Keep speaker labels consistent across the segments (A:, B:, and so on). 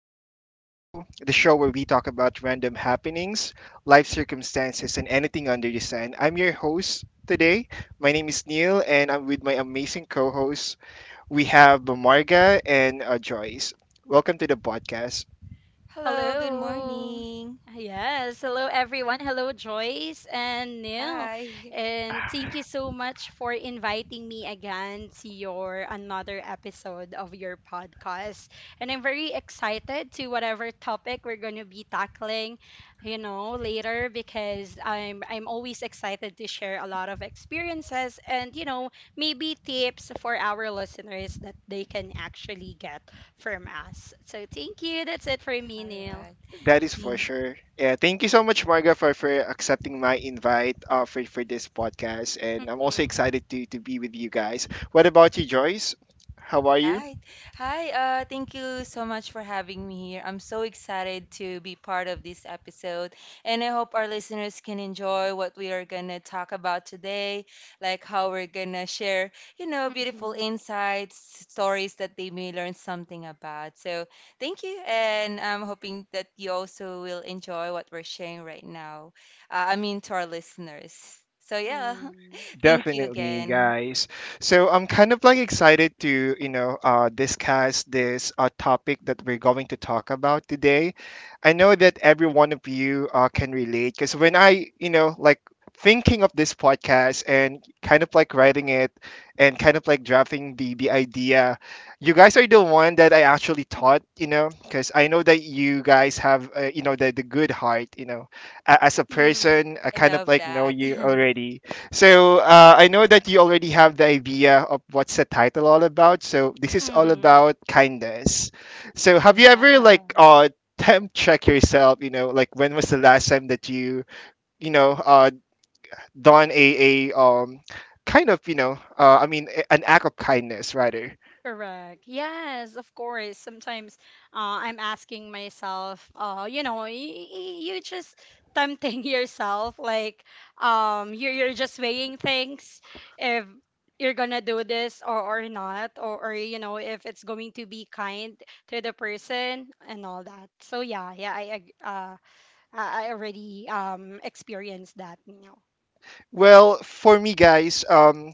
A: podcast show, the show where we talk about random happenings, life circumstances, and anything under the sun. I'm your host today. My name is Neil, and I'm with my amazing co hosts. We have Marga and Joyce. Welcome to the podcast.
B: Hello, good
C: Hello.
B: morning.
C: Yes. Hello, everyone. Hello, Joyce and Neil.
B: Hi.
C: And thank you so much for inviting me again to your another episode of your podcast. And I'm very excited to whatever topic we're going to be tackling, later because I'm always excited to share a lot of experiences and, maybe tips for our listeners that they can actually get from us. So thank you. That's it for me,
B: All
C: Neil.
B: right.
A: That is for sure. Yeah, thank you so much, Marga, for accepting my invite, for this podcast. And I'm also
C: Mhm.
A: excited to be with you guys. What about you, Joyce? How
B: All
A: are you?
B: right. Hi, thank you so much for having me here. I'm so excited to be part of this episode, and I hope our listeners can enjoy what we are gonna talk about today, like how we're gonna share, you know, beautiful
C: Mhm.
B: insights, stories that they may learn something about. So thank you, and I'm hoping that you also will enjoy what we're sharing right now. I mean, to our listeners. So yeah,
C: Mhm.
B: thank you
A: Definitely,
B: again.
A: guys. So I'm kind of like excited to, you know, discuss this topic that we're going to talk about today. I know that every one of you can relate, because when I, you know, like thinking of this podcast and kind of like writing it, and kind of like drafting the idea, you guys are the one that I actually taught, you know, because I know that you guys have, you know, the good heart, you know, as a
C: Mhm.
A: person. I
B: I
A: kind of
B: love
A: like know
B: that.
A: you already, so I know that you already have the idea of what's the title all about. So this is all
C: Mhm.
A: about kindness. So, have you ever
C: Yeah.
A: like temp check yourself? You know, like, when was the last time that you know, done a kind of, you know, I mean an act of kindness, rather?
C: Correct. Yes, of course. Sometimes I'm asking myself, you just tempting yourself, like you're just weighing things if you're gonna do this or not, or if it's going to be kind to the person and all that. So yeah, yeah, I already experienced that.
A: Well, for me, guys,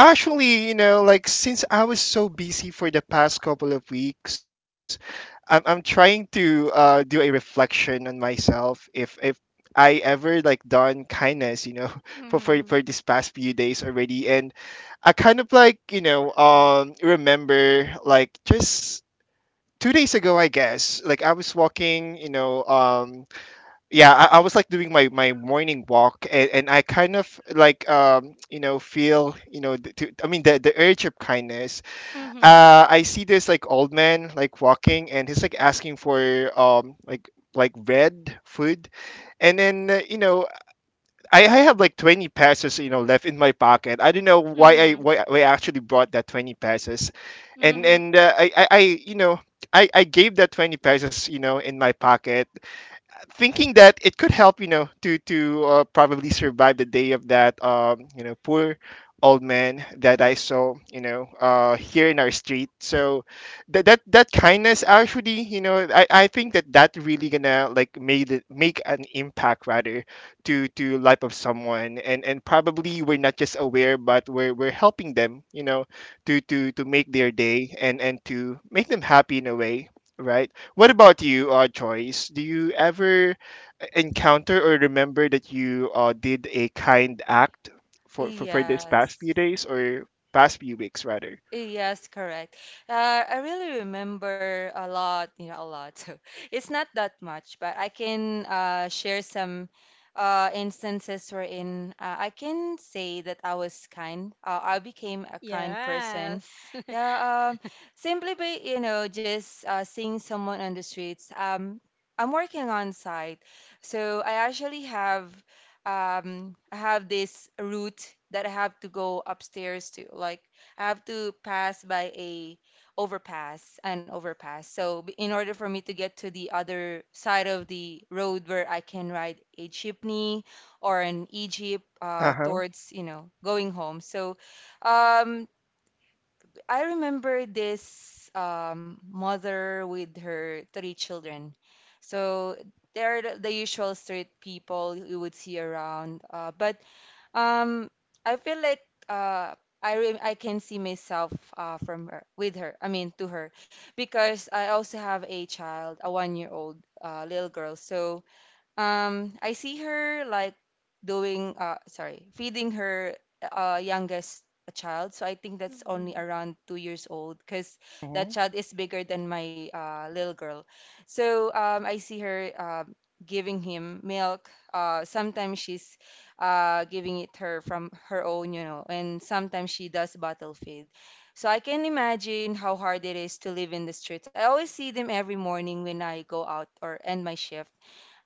A: actually, you know, like, since I was so busy for the past couple of weeks, I'm trying to do a reflection on myself. If I ever like done kindness, you know, for, for
C: Mhm.
A: for this past few days already, and I kind of like, you know, remember like just 2 days ago, I guess. Like, I was walking, you know, yeah, I was like doing my morning walk, and I kind of like you know feel, you know, I mean the urge of kindness.
C: Mhm.
A: I see this like old man like walking, and he's like asking for um like like bread food, and then you know, I have like 20 pesos, you know, left in my pocket. I don't know why
C: Mhm.
A: I actually brought that 20 pesos, and
C: Mhm.
A: and I you know I gave that 20 pesos, you know, in my pocket, thinking that it could help, you know, to probably survive the day of that, you know, poor old man that I saw, you know, here in our street. So, that kindness actually, you know, I think that that really gonna like made it, make an impact rather to life of someone, and probably we're not just aware, but we're helping them, you know, to make their day and to make them happy in a way, right? What about you, Joyce? Do you ever encounter or remember that you did a kind act for this past few
B: Yes.
A: days or past few weeks, rather?
B: Yes, correct. Uh, I really remember a lot, you know, a lot. It's not that much, but I can share some instances wherein I can say that I was kind. I became a kind person.
C: Yes.
B: Yeah, simply by, you know, just seeing someone on the streets. I'm working on site, so I actually have I have this route that I have to go upstairs to, like. I have to pass by a overpass, an overpass. So in order for me to get to the other side of the road where I can ride a jeepney or an e-jeep
A: Uh huh.
B: towards, you know, going home. So um, I remember this mother with her three children. So they're the usual street people you would see around. But um, I feel like uh, I can see myself from her with her. I mean, to her, because I also have a child, a one-year-old little girl. So I see her like feeding her youngest child. So I think that's only
C: Mhm.
B: around 2 years old because that
A: Hmm.
B: child is bigger than my little girl. So I see her giving him milk. Sometimes she's giving it her from her own, you know, and sometimes she does bottle feed. So I can imagine how hard it is to live in the streets. I always see them every morning when I go out or end my shift,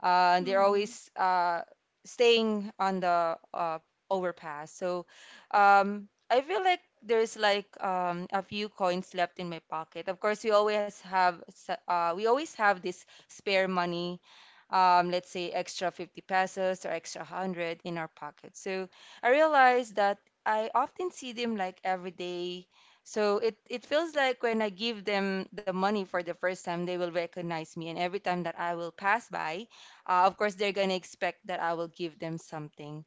B: and they're
C: Mhm.
B: always staying on the overpass. So I feel like there's like a few coins left in my pocket. Of course, we always have we always have this spare money. Let's say extra 50 pesos or extra 100 in our pocket. So I realized that I often see them like every day. So it feels like when I give them the money for the first time, they will recognize me. And every time that I will pass by, of course, they're going to expect that I will give them something.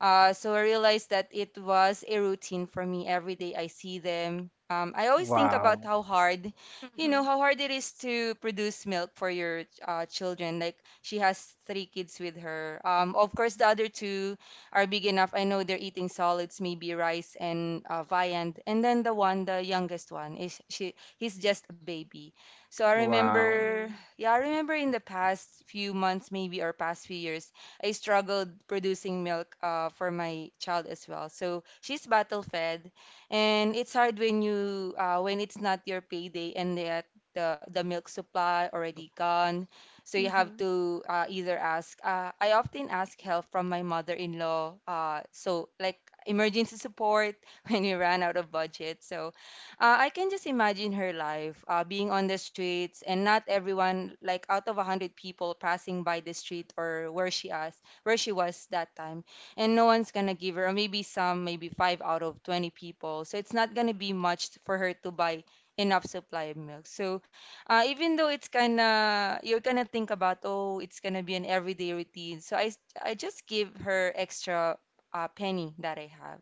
B: So I realized that it was a routine for me every day I see them. I always think about
A: Wow.
B: how hard, you know,
C: Mhm.
B: how hard it is to produce milk for your children. Like she has three kids with her. Of course, the other two are big enough. I know they're eating solids, maybe rice and viand. And then the one, the youngest one, is she? He's just a baby. So I
A: Wow.
B: remember,
C: Mhm.
B: yeah, I remember in the past few months, maybe or past few years I struggled producing milk for my child as well. So she's battle fed, and it's hard when you when it's not your payday and yet the milk supply already gone. So you have
C: Mhm.
B: to either ask. I often ask help from my mother-in-law. So like emergency support when we ran out of budget. So I can just imagine her life, being on the streets and not everyone, like out of a hundred people passing by the street or where she asked, where she was that time, and no one's gonna give her, or maybe some, maybe five out of 20 people. So it's not gonna be much for her to buy enough supply of milk. So even though it's kinda, you're gonna think about, oh, it's gonna be an everyday routine. I just give her extra penny that I have.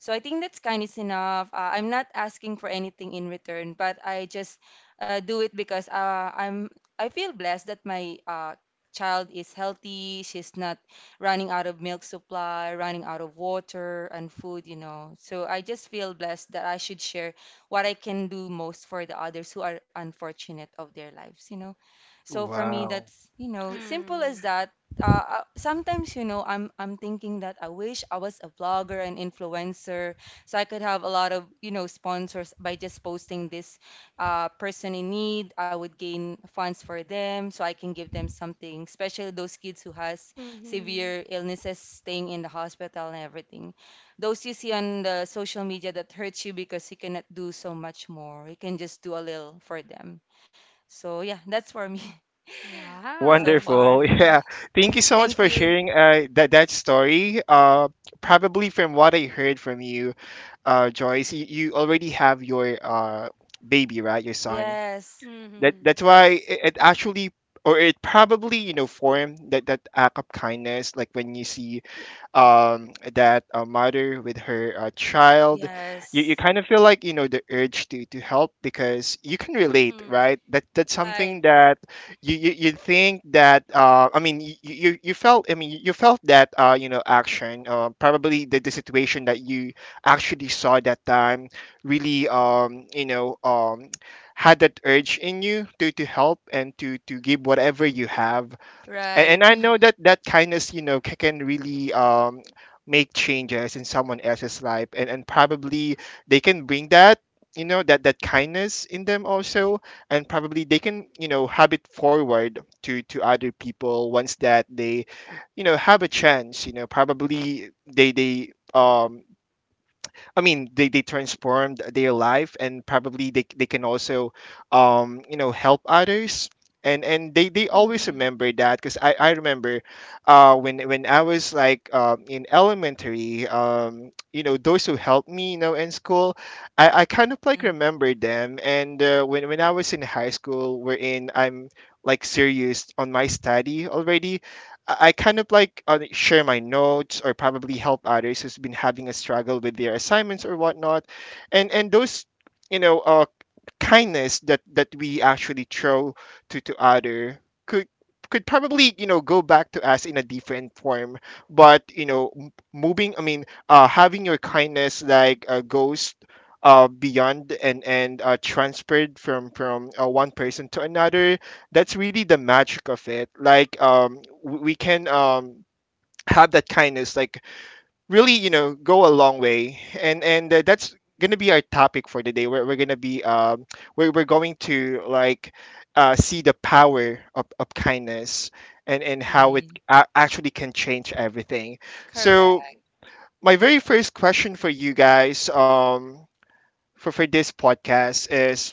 B: So I think that's kindness enough. I'm not asking for anything in return, but I just do it because I feel blessed that my child is healthy. She's not running out of milk supply, running out of water and food, you know. So I just feel blessed that I should share what I can do most for the others who are unfortunate of their lives, you know. So for me,
A: Wow.
B: that's, you know, simple as
C: Mhm.
B: that. Sometimes, you know, I'm thinking that I wish I was a vlogger and influencer, so I could have a lot of, you know, sponsors by just posting this person in need. I would gain funds for them, so I can give them something, especially those kids who has
C: Mhm.
B: severe illnesses, staying in the hospital and everything. Those you see on the social media that hurts you because you cannot do so much more. You can just do a little for them. So yeah, that's for me so far.
C: Wow.
A: Wonderful. Yeah. Thank you so much
B: Thank
A: for
B: you.
A: sharing that story. Probably from what I heard from you, Joyce, you already have your baby, right? Your son.
B: Yes,
A: that
C: Mhm.
A: that's
B: yes,
A: why it actually, or it probably, you know, formed that that act of kindness, like when you see that mother with her child. You
B: yes.
A: kind of feel like, you know, the urge to help, because you can relate,
C: Mhm.
A: right? that that's
B: Right,
A: something that you think that, I mean, you felt, I mean, you felt that, you know, action, probably the situation that you actually saw that time really you know had that urge in you to help and to give whatever you have. And
B: right.
A: I know that that kindness, you know, can really make changes in someone else's life, and probably they can bring that, you know, that that kindness in them also, and probably they can, you know, have it forward to other people once that they, you know, have a chance. You know, probably they I mean, they transformed their life, and probably they can also, you know, help others. And they always
C: Mhm.
A: remember that, because I remember, when I was like, in elementary, you know, those who helped me, you know, in school, I kind of like
B: Mhm,
A: remember them. And when I was in high school, wherein I'm like serious on my study already, I kind of like share my notes or probably help others who's been having a struggle with their assignments or whatnot, and those, you know, kindness that that we actually throw to other could could probably, you know, go back to us in a different form. But, you know, moving, I mean, having your kindness like goes beyond and transferred from one person to another, that's really the magic of it. Like, we can have that kindness like really, you know, go a long way. And that's gonna be our topic for today. We're gonna be we're going to like see the power of kindness, and how it
B: mhm.
A: actually can change everything. So,
B: Correct.
A: my very first question for you guys, for this podcast is,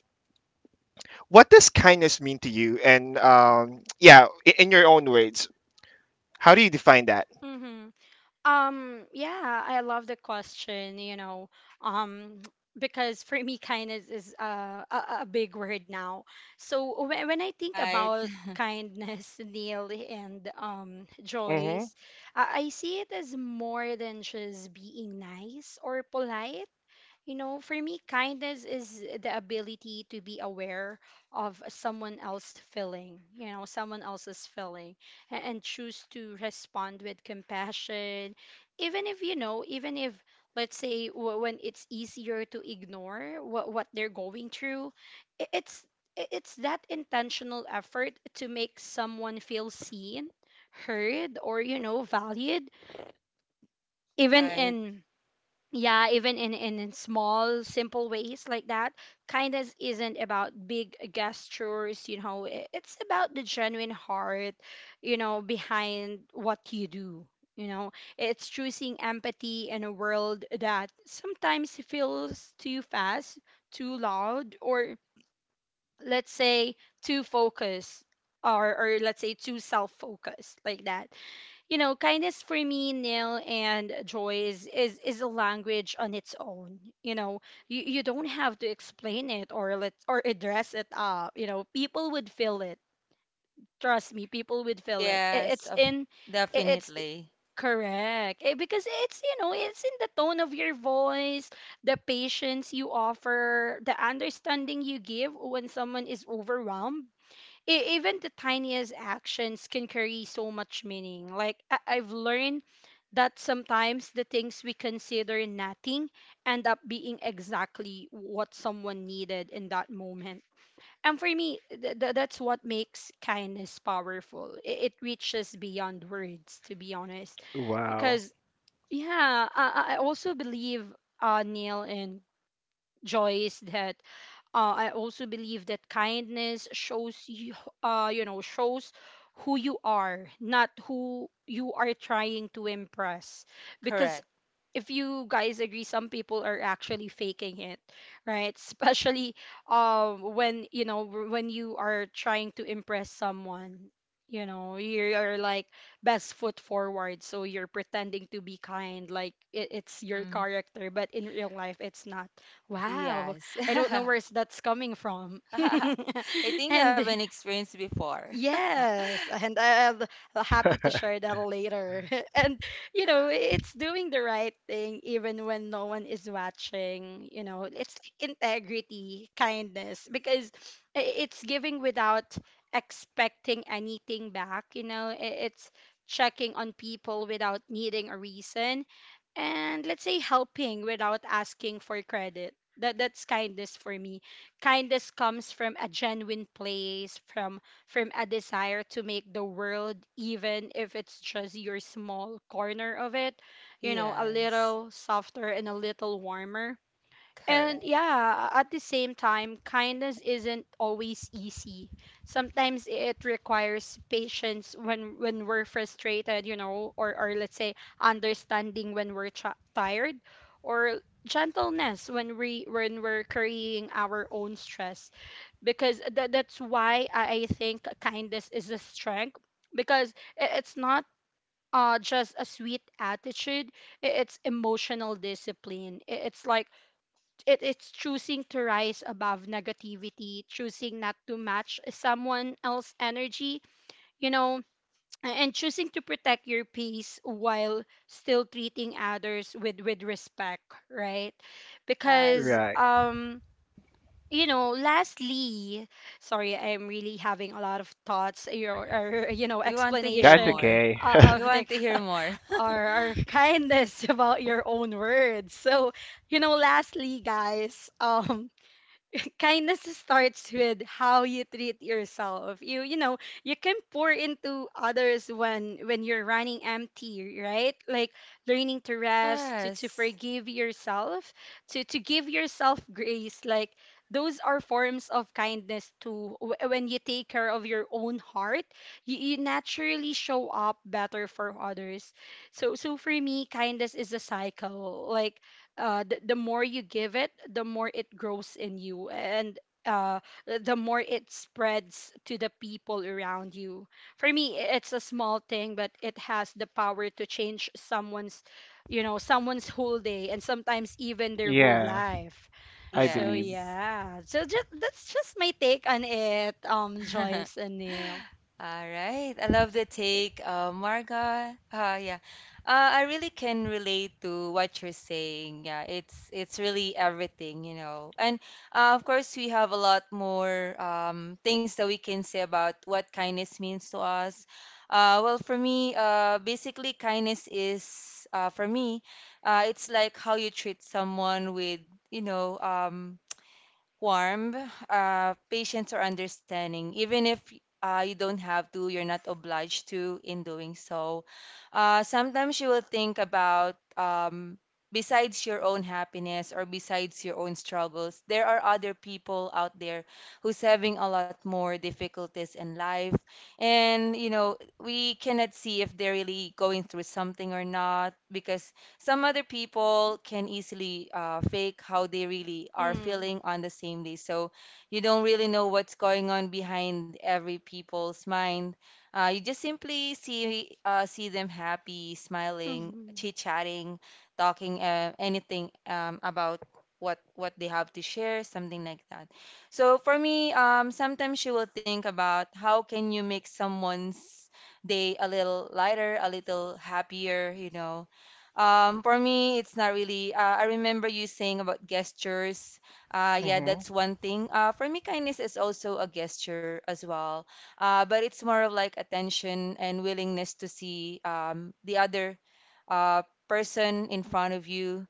A: what does kindness mean to you, and, yeah, in your own words, how do you define that?
C: Mhm. Yeah, I love the question, um, because for me, kindness is a big word now. So when I think
B: Right,
C: about kindness, Neil and
A: Mm-hmm.
C: Joyce, I see it as more than just being nice or polite. You know, for me, kindness is the ability to be aware of someone else feeling, someone else's feeling, and choose to respond with compassion. Even if, even if, let's say, when it's easier to ignore what they're going through, i- it's it's that intentional effort to make someone feel seen, heard, or, valued, even
B: right.
C: in small simple ways like that. Kindness isn't about big gestures. It's about the genuine heart behind what you do. you know it's choosing empathy in a world that sometimes feels too fast, too loud, or let's say too focused, or let's say too self-focused, like that. Kindness for me, Neil and Joy, is a language on its own. You don't have to explain it or address it up. People would feel it. Trust me, people would feel it, it
B: Yes,
C: it's
B: of,
C: in it, it's I-
B: definitely.
C: Correct. Because it's you know it's in the tone of your voice, the patience you offer, the understanding you give when someone is overwhelmed. Even the tiniest actions can carry so much meaning. Like I've learned that sometimes the things we consider nothing end up being exactly what someone needed in that moment. And for me, that's what makes kindness powerful. It reaches beyond words, to be honest.
A: Wow.
C: Because, yeah, I also believe, Neil and Joyce, that I also believe that kindness shows who you are, not who you are trying to impress. Because,
B: Correct.
C: if you guys agree, some people are actually faking it, right? Especially when when you are trying to impress someone, you're like best foot forward, so you're pretending to be kind, like it's your
B: Mm,
C: character, but in real life, it's not. Wow,
B: yes.
C: I don't know where's that's coming from.
B: I think I have
C: and
B: an experience before.
C: Yes, and I'm happy to share that later. And it's doing the right thing even when no one is watching. It's like integrity, kindness, because it's giving without expecting anything back. It's checking on people without needing a reason, and let's say helping without asking for credit. That's kindness for me. Kindness comes from a genuine place, from a desire to make the world, even if it's just your small corner of it, a
B: Yes,
C: little softer and a little warmer. And
B: correct.
C: yeah, at the same time, kindness isn't always easy. Sometimes it requires patience when we're frustrated, or let's say understanding when we're tired, or gentleness when we're carrying our own stress. Because that's why I think kindness is a strength because it's not just a sweet attitude, it's emotional discipline. It's choosing to rise above negativity, choosing not to match someone else's energy, you know, and choosing to protect your peace while still treating others with respect, right?
B: Right.
C: Because,
A: Right.
C: lastly, sorry, I'm really having a lot of thoughts or
B: We want to hear
A: That's
C: explanation
B: more.
A: okay.
B: We
C: of the
B: want to hear more.
C: or kindness about your own words. So, lastly, guys, kindness starts with how you treat yourself. You can pour into others when you're running empty, right? Like learning to rest, to
B: Yes.
C: forgive yourself, to give yourself grace, like those are forms of kindness too. When you take care of your own heart, you naturally show up better for others. So for me, kindness is a cycle. Like the more you give it, the more it grows in you, and uh, the more it spreads to the people around you. For me, it's a small thing, but it has the power to change someone's whole day, and sometimes even their whole
A: Yeah,
C: life.
A: I
C: So
A: believe.
B: Yes.
C: yeah, so just that's just my take on it, Joyce and Neil.
B: All right. I love the take, Marga. Yeah. I really can relate to what you're saying. Yeah, it's really everything, you know. And of course, we have a lot more things that we can say about what kindness means to us. Well, for me, basically, kindness is for me, it's like how you treat someone with, you know, warm, patience, or understanding. Even if you don't have to, you're not obliged to in doing so. Sometimes you will think about, besides your own happiness or besides your own struggles, there are other people out there who's having a lot more difficulties in life. And, you know, we cannot see if they're really going through something or not because some other people can easily fake how they really are
C: Mm-hmm.
B: feeling on the same day. So you don't really know what's going on behind every people's mind. You just simply see them happy, smiling,
C: Mm-hmm.
B: chit-chatting, talking anything about what they have to share, something like that. So for me, sometimes you will think about how can you make someone's day a little lighter, a little happier, you know, for me, it's not really. I remember you saying about gestures. Yeah,
A: Mm-hmm.
B: that's one thing. For me, kindness is also a gesture as well. But it's more of like attention and willingness to see the other uh, person in front of you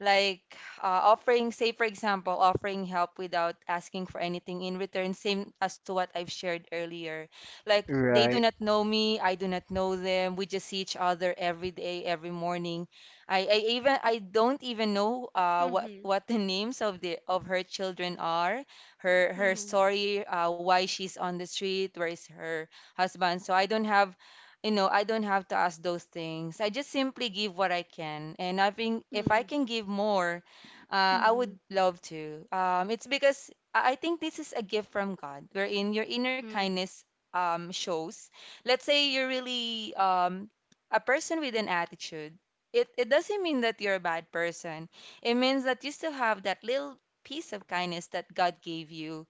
B: like offering, say for example, offering help without asking for anything in return, same as to what I've shared earlier. Like they do
A: Right.
B: not know me, I do not know them, we just see each other every day, every morning. I even I don't even know
C: Mm-hmm.
B: what the names of the of her children are, her her story, why she's on the street, where is her husband. So I don't have, you know, I don't have to ask those things. I just simply give what I can. And I think if
C: Mm-hmm.
B: I can give more, I
C: Mm-hmm.
B: would love to. It's because I think this is a gift from God, wherein your inner
C: Mm-hmm.
B: kindness shows. Let's say you're really a person with an attitude. It doesn't mean that you're a bad person. It means that you still have that little piece of kindness that God gave you,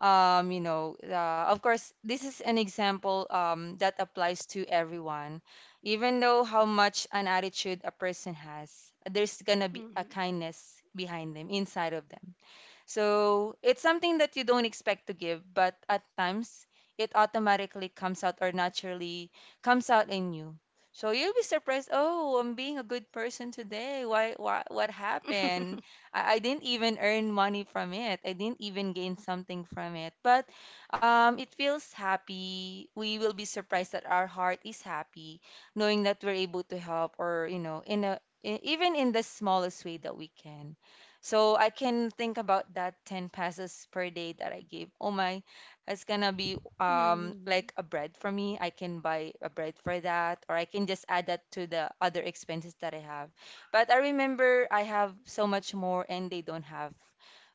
B: you know, of course, this is an example that applies to everyone. Even though how much an attitude a person has, there's gonna be a
C: Mm-hmm.
B: kindness behind them, inside of them. So it's something that you don't expect to give, but at times it automatically comes out, or naturally comes out in you. So you'll be surprised, oh, I'm being a good person today. Why what happened? I didn't even earn money from it. I didn't even gain something from it. But it feels happy. We will be surprised that our heart is happy, knowing that we're able to help or, you know, in a even in the smallest way that we can. So I can think about that 10 passes per day that I gave. Oh my, it's gonna be like
C: Mhm.
B: a bread for me. I can buy a bread for that, or I can just add that to the other expenses that I have. But I remember I have so much more and they don't have.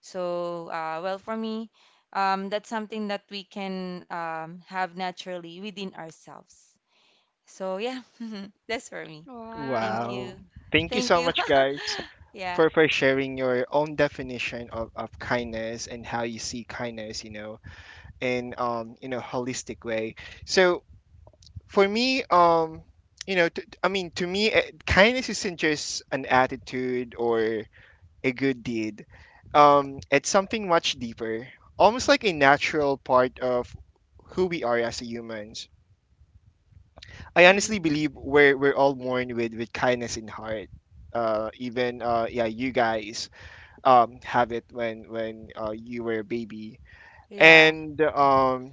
B: So well for me, that's something that we can have naturally within ourselves. So yeah, that's for me. Thank
A: Wow.
B: you.
C: Wow.
A: Thank you
B: Thank
A: so
B: you.
A: much, guys,
B: Yeah.
A: for sharing your own definition of kindness, and how you see kindness, you know, in a holistic way. So, for me, you know, I mean, to me, kindness isn't just an attitude or a good deed. It's something much deeper, almost like a natural part of who we are as humans. I honestly
C: Mhm.
A: believe we're all born with kindness in heart. Even, yeah, you guys have it when you were a baby,
B: Yeah.
A: and,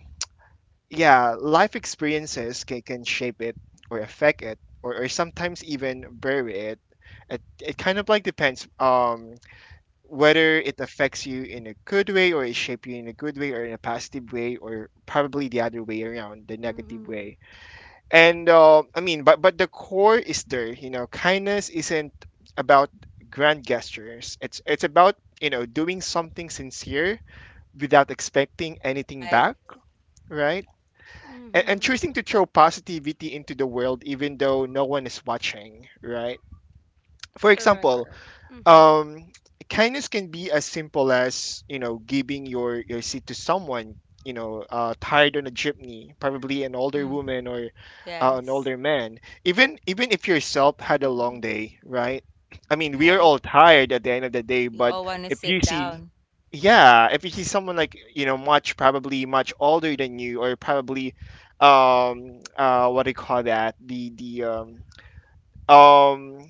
A: yeah, life experiences can shape it or affect it, or sometimes even bury it. It kind of like depends. Whether it affects you in a good way, or it shapes you in a good way or in a positive way, or probably the other way around, the negative way.
C: Mhm.
A: And, I mean, but the core is there. You know, kindness isn't about grand gestures. It's about, you know, doing something sincere without expecting anything
B: Right.
A: back, right? And
C: Mhm.
A: choosing to throw positivity into the world even though no one is watching, right? For
C: Correct,
A: example,
C: correct. Mhm.
A: um kindness can be as simple as, you know, giving your seat to someone, you know, tired on a jeepney, probably an older
B: Mm.
A: woman or an
B: Yes.
A: older man, even even if yourself had a long
C: Mhm.
A: day, right? I mean, we are
B: Right.
A: all tired at the end of the day.
B: You
A: But
B: all want to
A: if you
B: sit
A: see,
B: down.
A: yeah, if you see someone like, you know, much, probably much older than you, or probably, what do you call that, the, um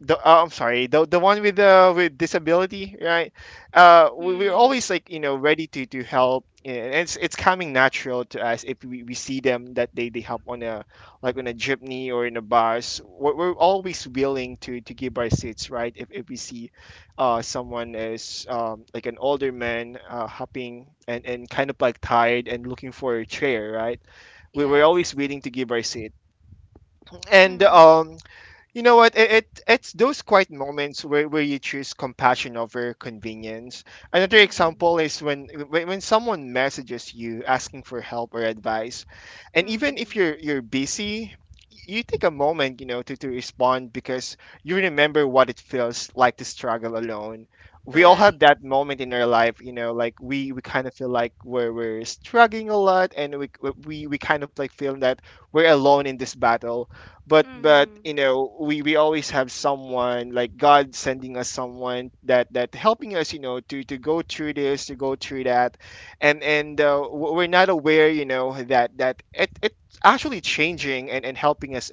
A: the, I'm sorry, the one with the, with disability, right? Uh, we, we're
C: Mm.
A: always like, you know, ready to help, and it's coming natural to us if we, we see them that they help on a, like on a jeepney or in a bus. We're always willing to give our seats, right? If we see someone is, like an older man, hopping and kind of like tired and looking for a chair, right? We we're
B: Yes.
A: always willing to give our seat. And,
C: Mhm.
A: you know what, it it's those quiet moments where you choose compassion over convenience. Another
C: Mhm.
A: example is when someone messages you asking for help or advice, and even if
C: Mhm.
A: you're, you're busy, you take a moment, you know, to respond, because you remember what it feels like to struggle alone. We all
B: Right.
A: have
C: Correct.
A: that moment in our life, like we kind of feel like we're struggling a lot and we kind of like feel that we're alone in this battle. But
C: Mhm.
A: we always have someone like God sending us someone that helping us to go through this, to go through that. We're not aware that it's actually changing and helping us,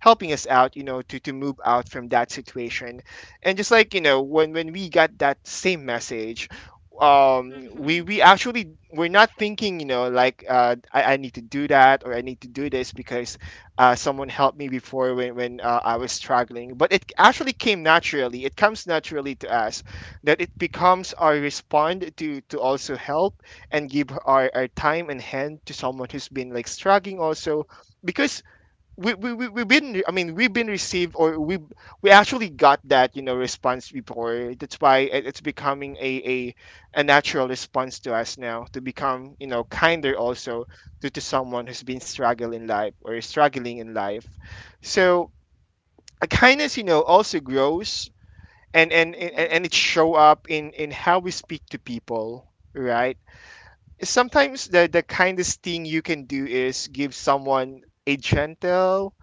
A: helping us out, to move out from that situation. And just like, when we got that same message, we
C: Mhm.
A: we actually we're not thinking, like, I need to do that or I need to do this because someone helped me before when I was struggling. But it actually came naturally. It comes naturally to us that it becomes our respond to also help and give our time and hand to someone who's been like struggling also, because we've been, I mean, we've been received, or we actually got that, you know, response before. That's why it's becoming a natural response to us now, to become, you know, kinder also to someone who's been struggling in life or is struggling in life. So a kindness also grows, and
C: Mhm.
A: it show up in how we speak to people. Right. Sometimes the kindest thing you can do is give someone a gentle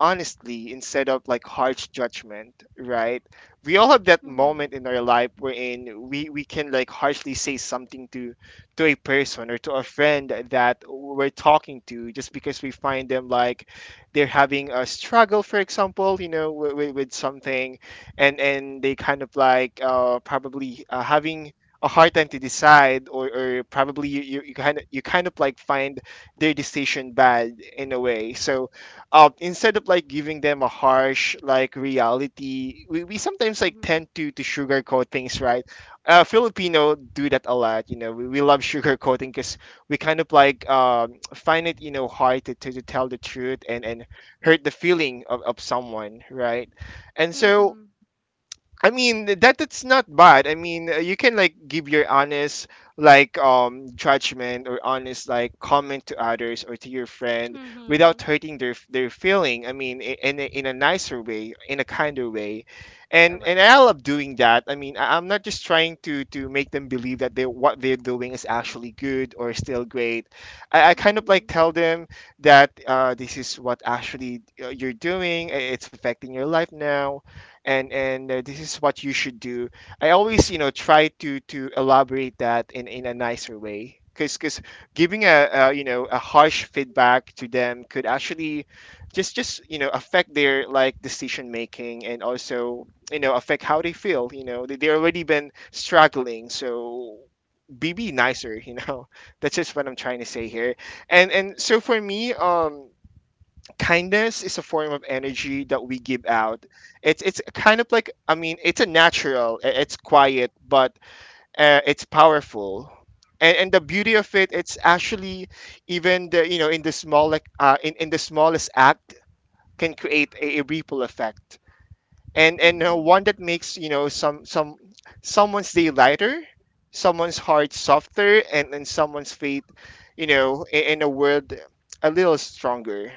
A: honestly instead of like harsh judgment, right? We all have that
C: Mhm.
A: moment in our life wherein we can like harshly say something to a person or to a friend that we're talking to, just because we find them like they're having a struggle, for example, with something, and they kind of like, probably, having a hard time to decide, or probably you kind of like find their decision bad in a way. So, instead of like giving them a harsh like reality, we sometimes like
C: Mhm.
A: tend to sugarcoat things, right? Filipino do that a lot, you know. We love sugarcoating because we kind of like, find it, you know, hard to tell the truth and hurt the feeling of someone, right? And so,
C: Mhm.
A: I mean, that's not bad. I mean, you can like give your honest, like, judgment or honest like comment to
C: Cor-
A: others or to your friend without
C: Mhm.
A: hurting their feeling. I mean, I- in a nicer way, in a kinder way, and
C: Correct.
A: I love doing that. I mean, I'm not just trying to make them believe that they what they're doing is actually good or still great. I kind of like
C: Mhm.
A: tell them that, this is what actually, you're doing. It's affecting your life now, and this is what you should do. I always try to elaborate that in a nicer way, because giving a you know a harsh feedback to them could actually just affect their, like, decision making, and also affect how they feel. You know, they already been struggling, so be nicer. That's just what I'm trying to say here. And so for me, kindness is a form of energy that we give out. It's kind of like, I mean, it's a natural, it's quiet, but, it's powerful. And the beauty of it, it's actually, even the you know in the small like in the smallest act can create a ripple effect, and one
C: Mhm.
A: that makes, you know, someone's day lighter, someone's heart softer, and someone's faith, you know, in a world, a little stronger.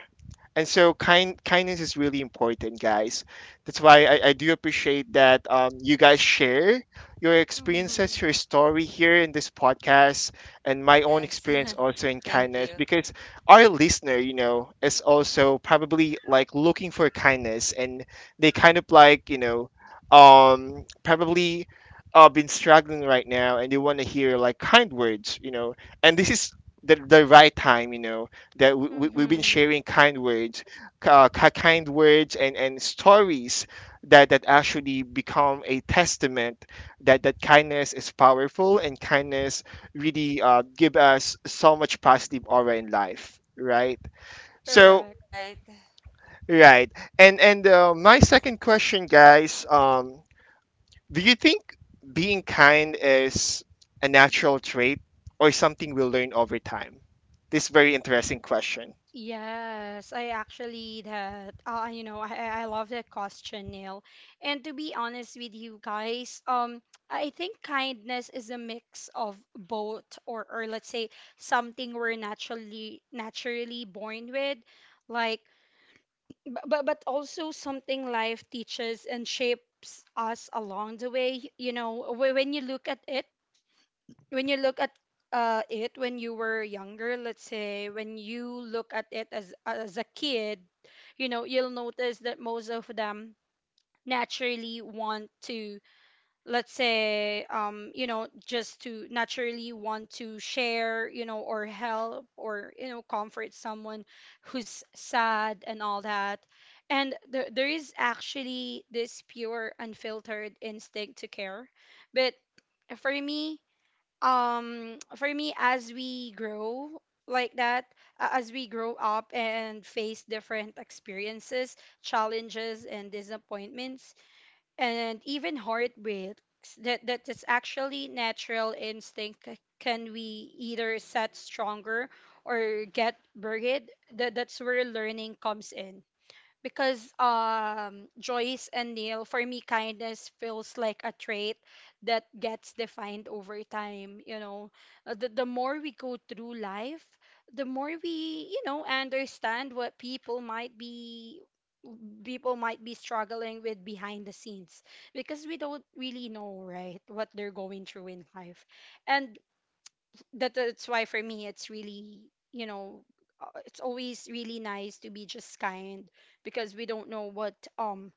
A: And so kindness is really important, guys. That's why I do appreciate that, you guys share your experiences,
C: Mhm.
A: your story here in this podcast, and my own
B: Yes.
A: experience also in
B: Thank
A: kindness.
B: you.
A: Because our listener, you know, is also probably like looking for kindness, and they kind of like, probably, been struggling right now, and they want to hear like kind words, you know. And this is the right time, you know, that we've been
C: Mhm.
A: sharing kind words, kind words and stories that actually become a testament that kindness is powerful, and kindness really, give us so much positive aura in life, right? So,
C: Correct.
B: Right.
A: right. And my second question, guys, do you think being kind is a natural trait or something we'll learn over time? This very interesting question.
C: Yes, I actually that you know I love that question, Neil. And to be honest with you guys, I think kindness is a mix of both, or let's say something we're naturally born with, like but also something life teaches and shapes us along the way. When you look at it when you were younger, let's say when you look at it as a kid, you know, you'll notice that most of them naturally want to, let's say, you know just to naturally want to share, or help, or comfort someone who's sad and all that. And there is actually this pure unfiltered instinct to care. But for me for me as we grow, like that, as we grow up and face different experiences, challenges, and disappointments, and even heartbreaks. That is actually natural instinct. Can we either set stronger or get buried? That's where learning comes in, because Joyce and Neil, for me kindness feels like a trait that gets defined over time. The more we go through life, the more we understand what people might be struggling with behind the scenes, because we don't really know, right, what they're going through in life. And that's why for me it's really, you know it's always really nice to be just kind, because we don't know what um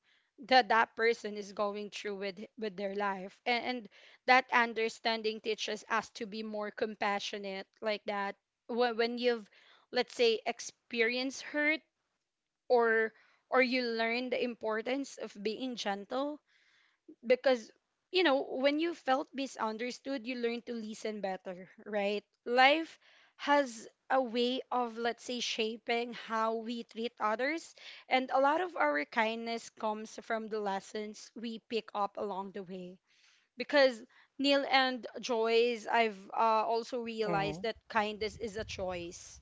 C: that that person is going through with their life. And that understanding teaches us to be more compassionate, like that. When you've, let's say, experienced hurt, or or you learn the importance of being gentle, because when you felt misunderstood, you learn to listen better, right? Life has a way of, let's say, shaping how we treat others, and a lot of our kindness comes from the lessons we pick up along the way. Because, Neil and Joyce, I've also realized
A: Hmm.
C: that kindness is a choice.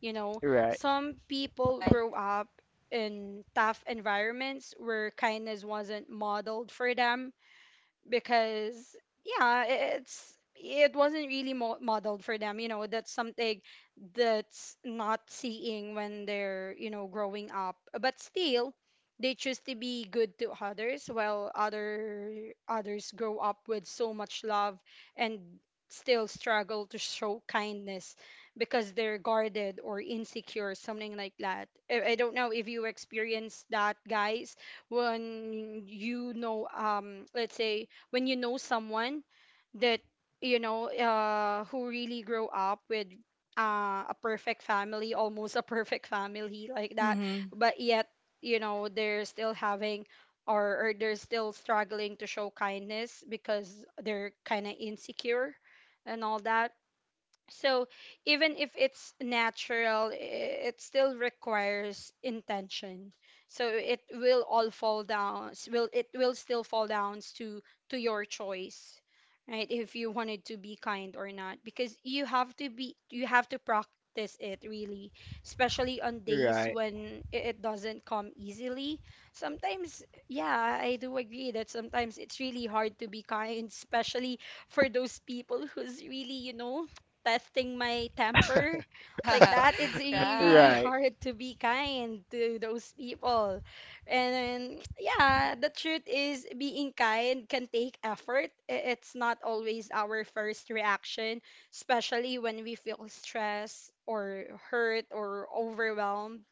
C: you know
A: Right.
C: some people
B: Right.
C: grow up in tough environments where kindness wasn't modeled for them, because yeah, it wasn't really modeled for them. That's something that's not seeing when they're growing up, but still they choose to be good to others, while others grow up with so much love and still struggle to show kindness because they're guarded or insecure, something like that. I don't know if you experience that, guys, when you know, let's say, when you know someone that who really grow up with a perfect family, almost a perfect family, like that,
B: Mm-hmm.
C: but yet they're still having or they're still struggling to show kindness because they're kind of insecure and all that. So even if it's natural, it still requires intention. So it will all fall down. S- Will it will still fall down to your choice, right? If you wanted to be kind or not, because you have to practice it really, especially on days
A: Right,
C: when it doesn't come easily. Sometimes, yeah, I do agree that sometimes it's really hard to be kind, especially for those people who's really testing my temper like that. It's really
B: Right.
A: right,
C: hard to be kind to those people. And yeah, the truth is being kind can take effort. It's not always our first reaction, especially when we feel stressed or hurt or overwhelmed.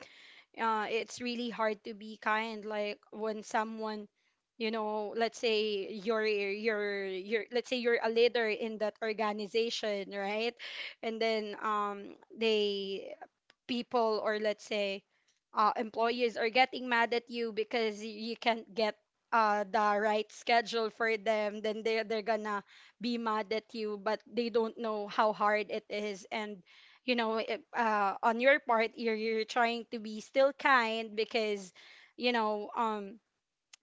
C: It's really hard to be kind, like when someone, let's say you're a leader in that organization, right? And then they people, or let's say employees are getting mad at you because you can't get the right schedule for them, then they're gonna be mad at you, but they don't know how hard it is. And on your part, you're trying to be still kind because you know um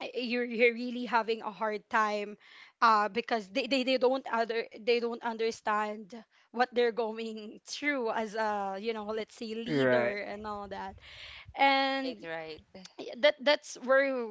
C: you're really having a hard time because they don't understand what they're going through as a, let's say, leader
A: right.
C: and all that.
B: Right.
C: And
B: Right.
C: y- that that's where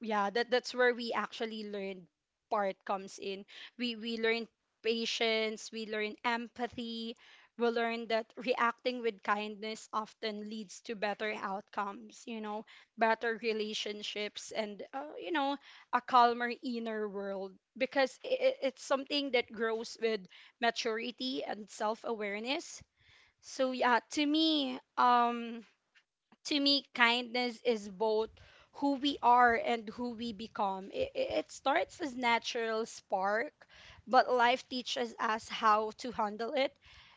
C: yeah that's where we actually learn part comes in. We learn patience, we learn empathy, we learn that reacting with kindness often leads to better outcomes, better relationships and a calmer inner world, because it's something that grows with maturity and self-awareness. So yeah, to me, kindness is both who we are and who we become. It starts as natural spark, but life teaches us how to handle it,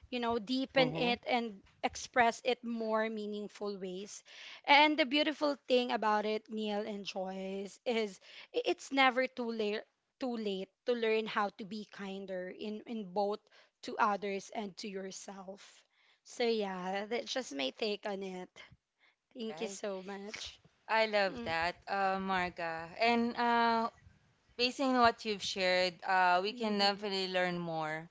C: deepen
A: Mhm,
C: it and express it more meaningful ways. And the beautiful thing about it, Neil and Joyce, is it's never too late to learn how to be kinder, in both to others and to yourself. So yeah, that's just my take on it.
B: All
C: Thank you
B: right.
C: so much.
B: I love
C: Mm.
B: that, Marga. And based on what you've shared, we can
C: Mm-hmm.
B: definitely learn more.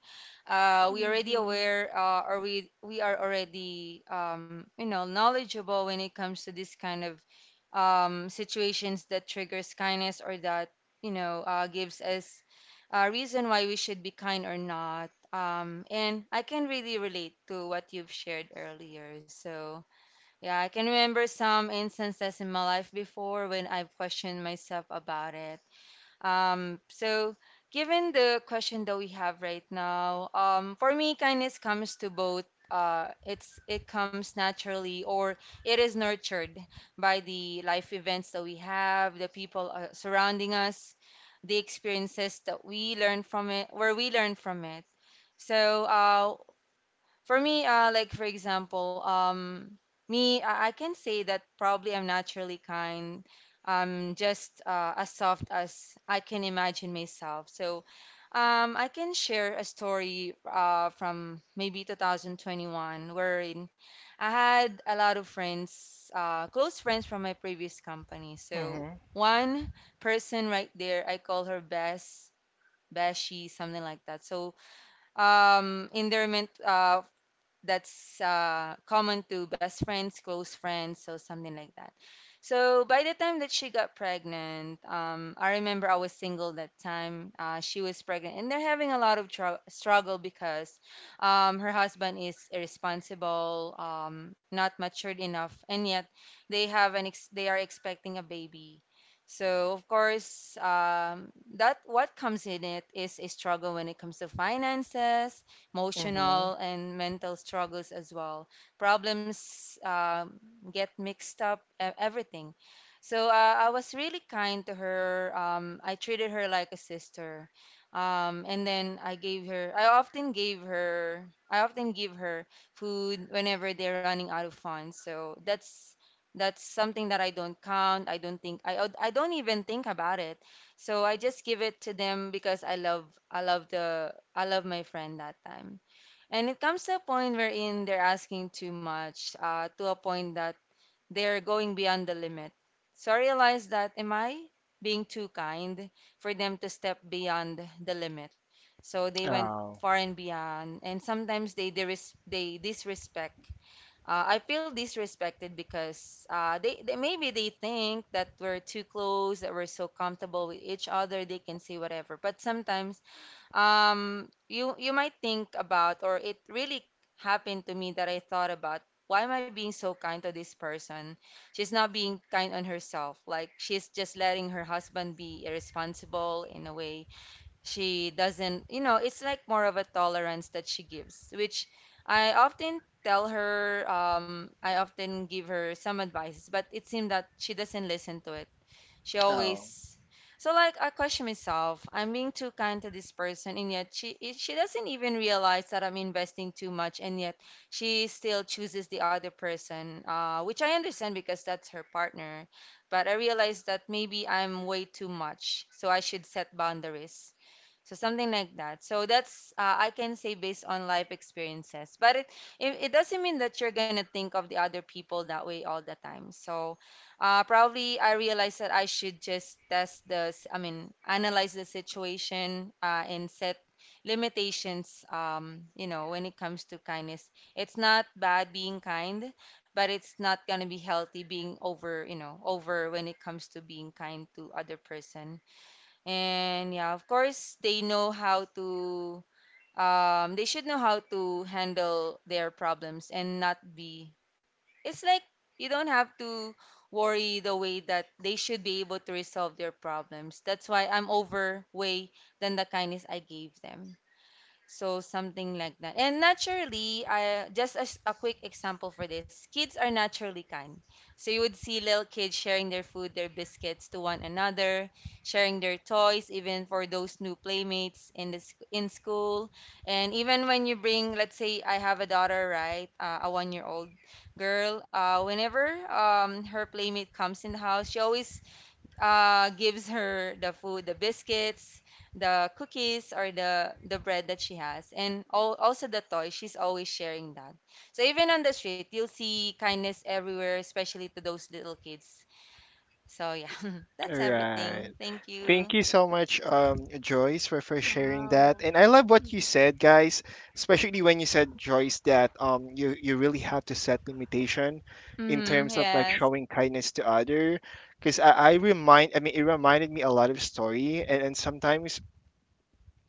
B: We already
C: Mm-hmm.
B: aware, or we are already, knowledgeable when it comes to this kind of situations that triggers kindness or that gives us a reason why we should be kind or not. And I can really relate to what you've shared earlier. So yeah, I can remember some instances in my life before when I've questioned myself about it. So, given the question that we have right now, for me, kindness comes to both. It comes naturally, or it is nurtured by the life events that we have, the people surrounding us, the experiences that we learn from it, where we learn from it. So, for me, like for example, me, I can say that probably I'm naturally kind, just as soft as I can imagine myself. So, I can share a story from maybe 2021 wherein I had a lot of friends, close friends from my previous company. So
A: mhm,
B: one person right there, I call her Bess, Beshi, something like that. So endearment that's common to best friends, close friends, so something like that. So by the time that she got pregnant, I remember I was single that time. She was pregnant, and they're having a lot of tr struggle because her husband is irresponsible, not matured enough, and yet they have an ex they are expecting a baby. So of course, that what comes in it is a struggle when it comes to finances,
A: mhm.
B: emotional and mental struggles as well. Problems get mixed up, everything. So I was really kind to her. I treated her like a sister. And then I gave her, I often gave her, I often give her food whenever they're running out of funds. So that's something that I don't count. I don't even think about it. So I just give it to them because I love my friend that time. And it comes to a point wherein they're asking too much, to a point that they're going beyond the limit. So I realized that am I being too kind for them to step beyond the limit? So they went
A: Oh,
B: far and beyond, and sometimes they disrespect. I feel disrespected because they maybe they think that we're too close, that we're so comfortable with each other, they can say whatever. But sometimes you might think about, or it really happened to me that I thought about, why am I being so kind to this person? She's not being kind on herself. Like she's just letting her husband be irresponsible in a way. She doesn't, it's like more of a tolerance that she gives, which I often tell her. I often give her some advice, but it seemed that she doesn't listen to it. She
A: oh,
B: always, so, like, I question myself. I'm being too kind to this person, and yet she doesn't even realize that I'm investing too much, and yet she still chooses the other person, which I understand because that's her partner. But I realize that maybe I'm way too much, so I should set boundaries. So something like that. So that's, I can say based on life experiences. But it doesn't mean that you're gonna think of the other people that way all the time. So, probably I realized that I should just I mean analyze the situation, and set limitations. You know, when it comes to kindness, it's not bad being kind, but it's not gonna be healthy being over, over when it comes to being kind to other person. And yeah, of course, they should know how to handle their problems and not be. It's like you don't have to worry the way that they should be able to resolve their problems. That's why I'm over way than the kindness I gave them. So something like that. And naturally, I just as a quick example for this, kids are naturally kind. So you would see little kids sharing their food, their biscuits to one another, sharing their toys, even for those new playmates in school. And even when you bring, let's say, I have a daughter, right, a 1-year-old girl. Whenever her playmate comes in the house, she always gives her the food, the biscuits, the cookies, or the bread that she has, and all, also the toy. She's always sharing that. So even on the street, you'll see kindness everywhere, especially to those little kids. So yeah, that's
A: right.
B: everything. Thank
A: Thank
B: you.
A: you so much, Joyce, for sharing that.
C: Wow.
A: And I love what you
C: Mm-hmm.
A: said, guys. Especially when you said, Joyce, that, you really have to set limitation in
B: Mm-hmm,
A: terms of, like,
B: yes,
A: showing kindness to other. Because I mean, it reminded me a lot of story, and sometimes,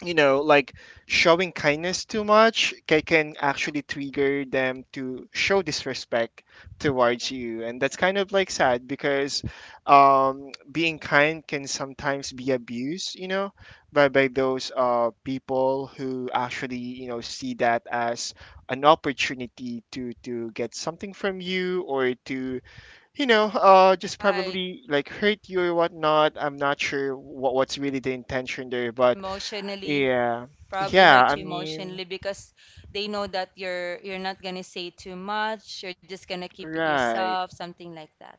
A: you know, like, showing kindness too much can actually trigger them to show disrespect towards you. And that's kind of like sad because, being kind can sometimes be abused, you know, by those, people who actually, you know, see that as an opportunity to get something from you, or to, just
B: right.
A: probably like hurt you or whatnot. I'm not sure what's really the intention there, but
B: Emotionally,
A: yeah.
B: probably
A: Yeah,
B: hurt
A: I
B: you
C: Mm-hmm.
A: mean,
B: emotionally because they know that you're not gonna say too much. You're just gonna keep it
A: right.
B: yourself, something like that.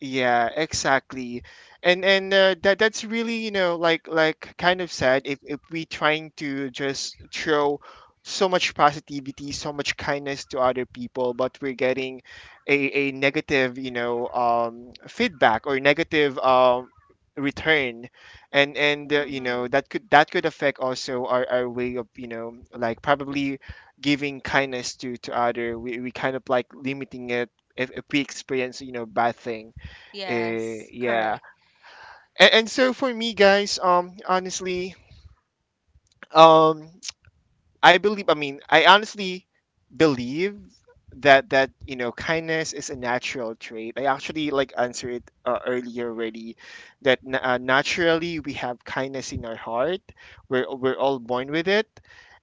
A: Yeah, exactly. And that's really, you know, like, kind of sad if we trying to just throw so much positivity, so much kindness to other people, but we're getting a negative, feedback, or negative return. And,
C: Mm-hmm.
A: that could affect also our way of, you know, like, probably giving kindness to other. We kind of like limiting it if we experience, you know, bad things,
B: Yes,
A: yeah.
B: correct.
A: And so for me, guys, honestly, um, I believe. I mean, I honestly believe that kindness is a natural trait. I actually like answered it, earlier already, that, naturally we have kindness in our heart. We're all born with it.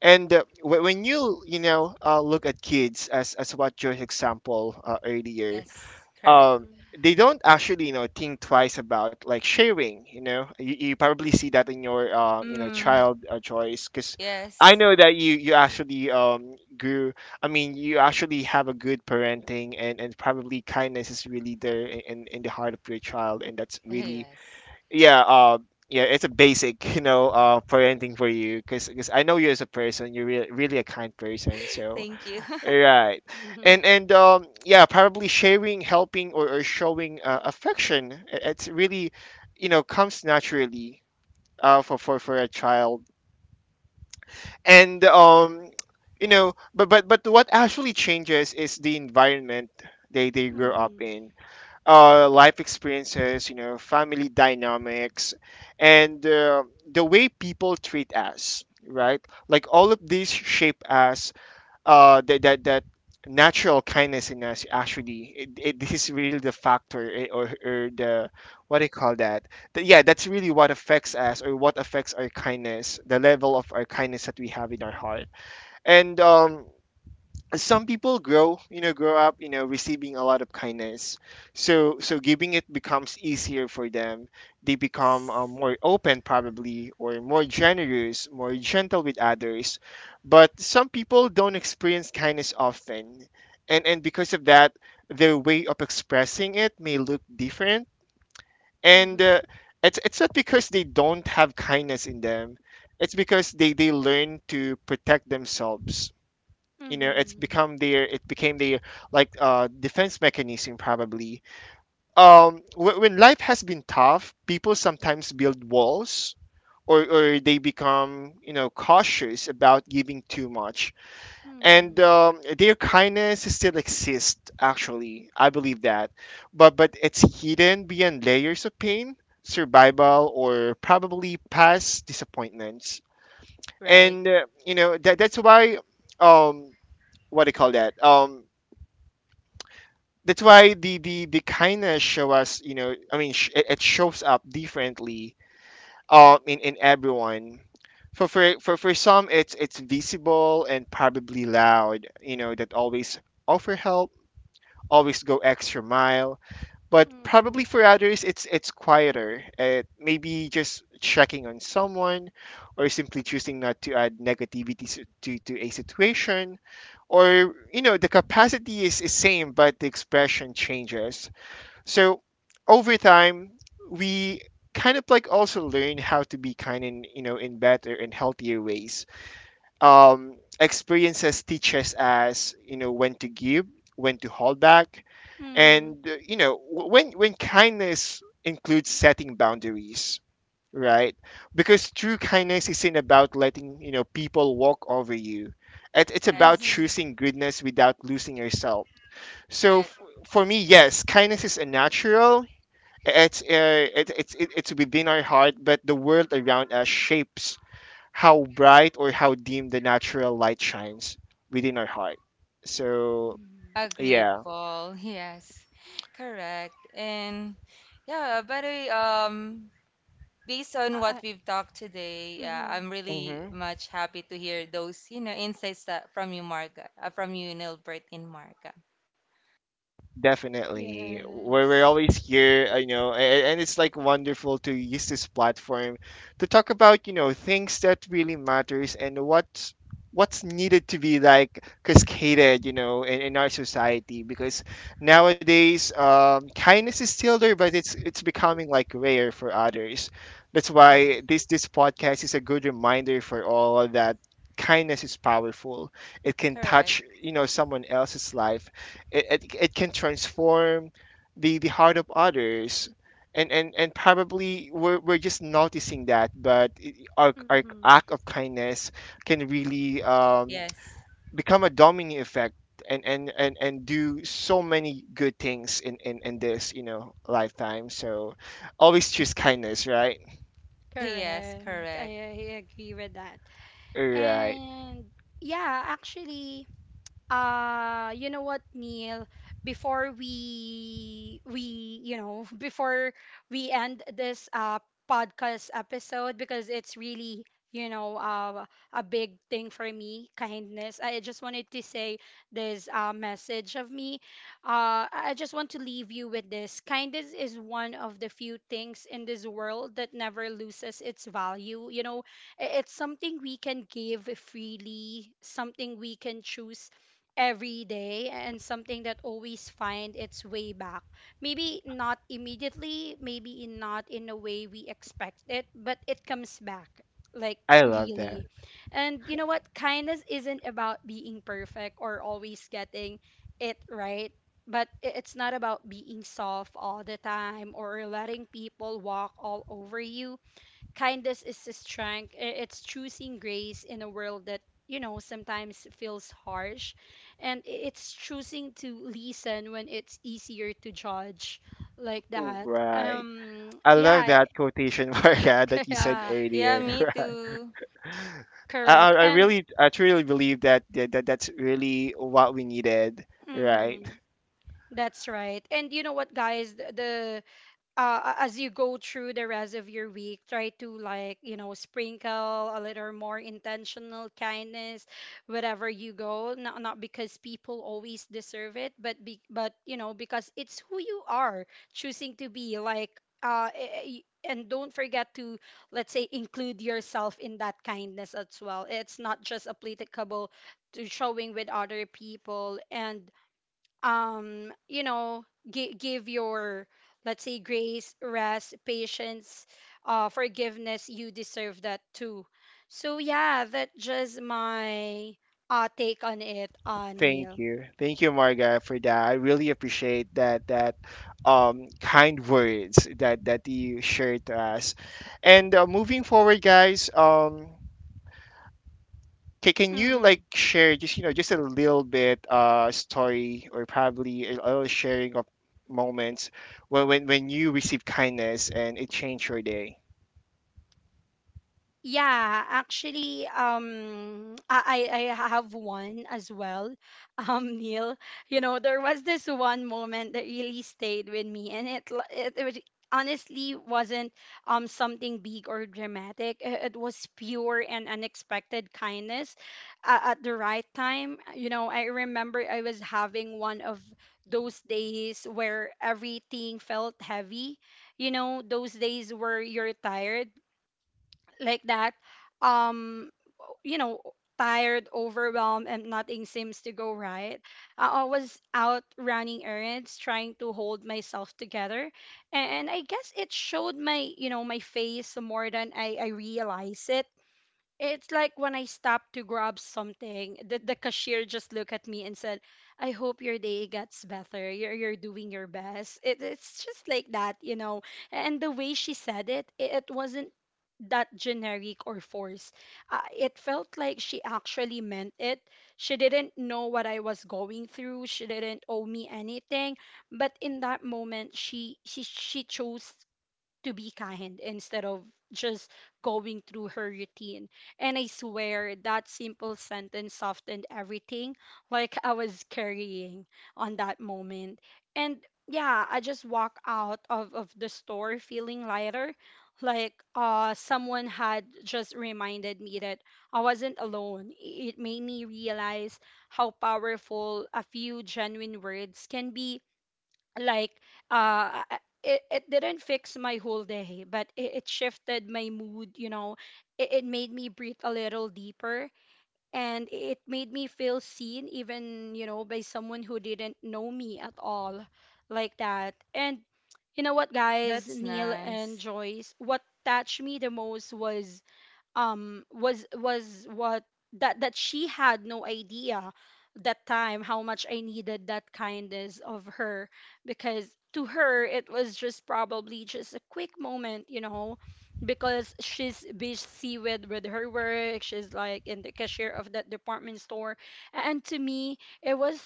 A: And when you know look at kids, as what your example, earlier,
B: Yes, correct.
A: um they don't actually, think twice about, like, sharing. You probably see that in your,
B: Mm.
A: child, choice, because I
B: Yes.
A: know that you actually, grew I mean, you actually have a good parenting, and probably kindness is really there in the heart of your child, and that's really.
B: Yes.
A: Yeah uh yeah, it's a basic, you know, parenting for you, because I know you as a person, you're really a kind person. So,
B: Thank you.
A: right.
C: Mm-hmm.
A: And yeah, probably sharing, helping, or showing, affection. It's really, you know, comes naturally, for a child. And you know, but what actually changes is the environment they
C: Mm-hmm.
A: grow
C: Mm-hmm.
A: up in. Life experiences, you know, family dynamics, and the way people treat us, right? Like all of these shape us, that natural kindness in us, actually, it this is really the factor, or the, what do you call that? Yeah, that's really what affects us, or what affects our kindness, the level of our kindness that we have in our heart. And, some people grow up, receiving a lot of kindness. So giving it becomes easier for them. They become,
B: Yes.
A: more open, probably, or more generous, more gentle with others. But some people don't experience kindness often, and because of that their way of expressing it may look different, and
C: Mm-hmm.
A: it's not because they don't have kindness in them. It's because they learn to protect themselves. You know,
C: Mm-hmm.
A: it became their, like, defense mechanism, probably. When life has been tough, people sometimes build walls, or they become, you know, cautious about giving too much. and
C: Mm-hmm.
A: um, their kindness still exists, actually, I believe that. But it's hidden behind layers of pain, survival, or probably past disappointments.
B: Right.
A: And you know that's why, um what do you call that, that's why the kindness, show us you know I mean, it shows up differently, in everyone. For some, it's visible and probably loud, you know, that always offer help, always go extra mile. But probably for others, it's quieter. It maybe just checking on someone, or simply choosing not to add negativity, to a situation. Or, you know, the capacity is same, but the expression changes. So, over time, we kind of like also learn how to be kind in you know in better and healthier ways. Experiences teach us, as you know, when to give, when to hold back,
C: Mm-hmm.
A: and you know, when kindness includes setting boundaries, right? Because true kindness isn't about letting people walk over you. It's about
B: Yes.
C: Mm-hmm.
A: choosing goodness without losing yourself. So
B: Correct.
A: f- for me, yes, kindness is a natural, it's it, it's it, it's within our heart, but the world around us shapes how bright or how dim the natural light shines within our heart. So
C: Mm-hmm.
A: yeah.
B: Agreeable. Yes. Correct. And yeah, by the way, based on what
C: Uh,
B: we've talked today, yeah,
C: mm-hmm.
B: I'm really
A: Mhm.
B: much happy to hear those, insights that from you, Marga, from you, Nilbert and Marga.
A: Definitely. We're
C: Yes.
A: always here, I know, and it's like wonderful to use this platform to talk about, you know, things that really matters and what's needed to be like cascaded, you know, in our society because nowadays kindness is still there, but it's becoming like rare for others. That's
B: uh
A: why this podcast is a good reminder for all that kindness is powerful. It can
B: Correct.
A: touch, you know, someone else's life. It can transform the heart of others. And probably we're just noticing that, but our
C: Mm-hmm.
A: act of kindness can
B: Uh,
A: really
B: yes.
A: become a domino effect and do so many good things in, in this, you know, lifetime. So always choose kindness, right?
B: Yes,
C: Correct.
B: correct.
C: I agree with that.
A: Right.
C: And yeah, actually, you know what, Neil? Before we you know Before we end this podcast episode, because it's really, you know uh, a big thing for me, kindness. I just wanted to say this message of me. I just want to leave you with this: kindness is one of the few things in this world that never loses its value. It's something we can give freely, something we can choose every day, and something that always find its way back. Maybe not immediately, maybe not in a way we expect it, but it comes back. Like
A: I love that.
C: really. And you know what? Kindness isn't about being perfect or always getting it right. But it's not about being soft all the time or letting people walk all over you. Kindness is a strength. It's choosing grace in a world that, you know, sometimes feels harsh. And it's choosing to listen when it's easier to judge, like that.
A: Right. I love
C: Yeah,
A: that quotation, Maria, that you said
C: yeah,
B: Yeah, me
A: earlier.
B: too.
A: I,
C: correct.
A: I
C: And
A: really, I truly believe that, that that's really what we needed, right?
C: mhm, that's right. And you know what, guys, the as you go through the rest of your week, try to, like, sprinkle a little more intentional kindness wherever you go. Not because people always deserve it, but but because it's who you are choosing to be, like, uh eh, eh, and don't forget to, let's say, include yourself in that kindness as well. It's not just applicable to showing with other people. And give your, let's say, grace, rest, patience, forgiveness. You deserve that too. So yeah, that's just my take on it, Neil.
A: Thank you, Marga, for that. I really appreciate that that kind words that that you shared to us. And moving forward, guys, can you like share just you know just a little bit story or probably a little sharing of moments when you received kindness and it changed your day?
C: Yeah, actually, I have one as well, Neil. You know, there was this one moment that really stayed with me, and it l- it was- honestly wasn't something big or dramatic. It was pure and unexpected kindness at the right time. You know, I remember I was having one of those days where everything felt heavy. You know, those days where you're tired, like that. um you know Tired, overwhelmed and nothing seems to go right. I was out running errands trying to hold myself together, and I guess it showed, my you know my face, more than I realized it. It's like when I stopped to grab something, the cashier just looked at me and said, "I hope your day gets better. You're doing your best." It's just like that. And the way she said it, it wasn't that generic or forced. It felt like she actually meant it. She didn't know what I was going through. She didn't owe me anything. But in that moment, she chose to be kind instead of just going through her routine. And I swear that simple sentence softened everything, like I was carrying on that moment. And yeah, I just walk out of the store feeling lighter. Like someone had just reminded me that I wasn't alone. It made me realize how powerful a few genuine words can be. Like uh I- it didn't fix my whole day, but it shifted my mood. It made me breathe a little deeper, and it made me feel seen, even, by someone who didn't know me at all, like that. And you know what, guys,
B: That's
C: Neil and
B: nice.
C: Joyce, what touched me the most was, was what that that she had no idea that time how much I needed that kindness of her, because to her it was just probably just a quick moment, because she's busy with her work. She's like in the cashier of that department store. And to me, it was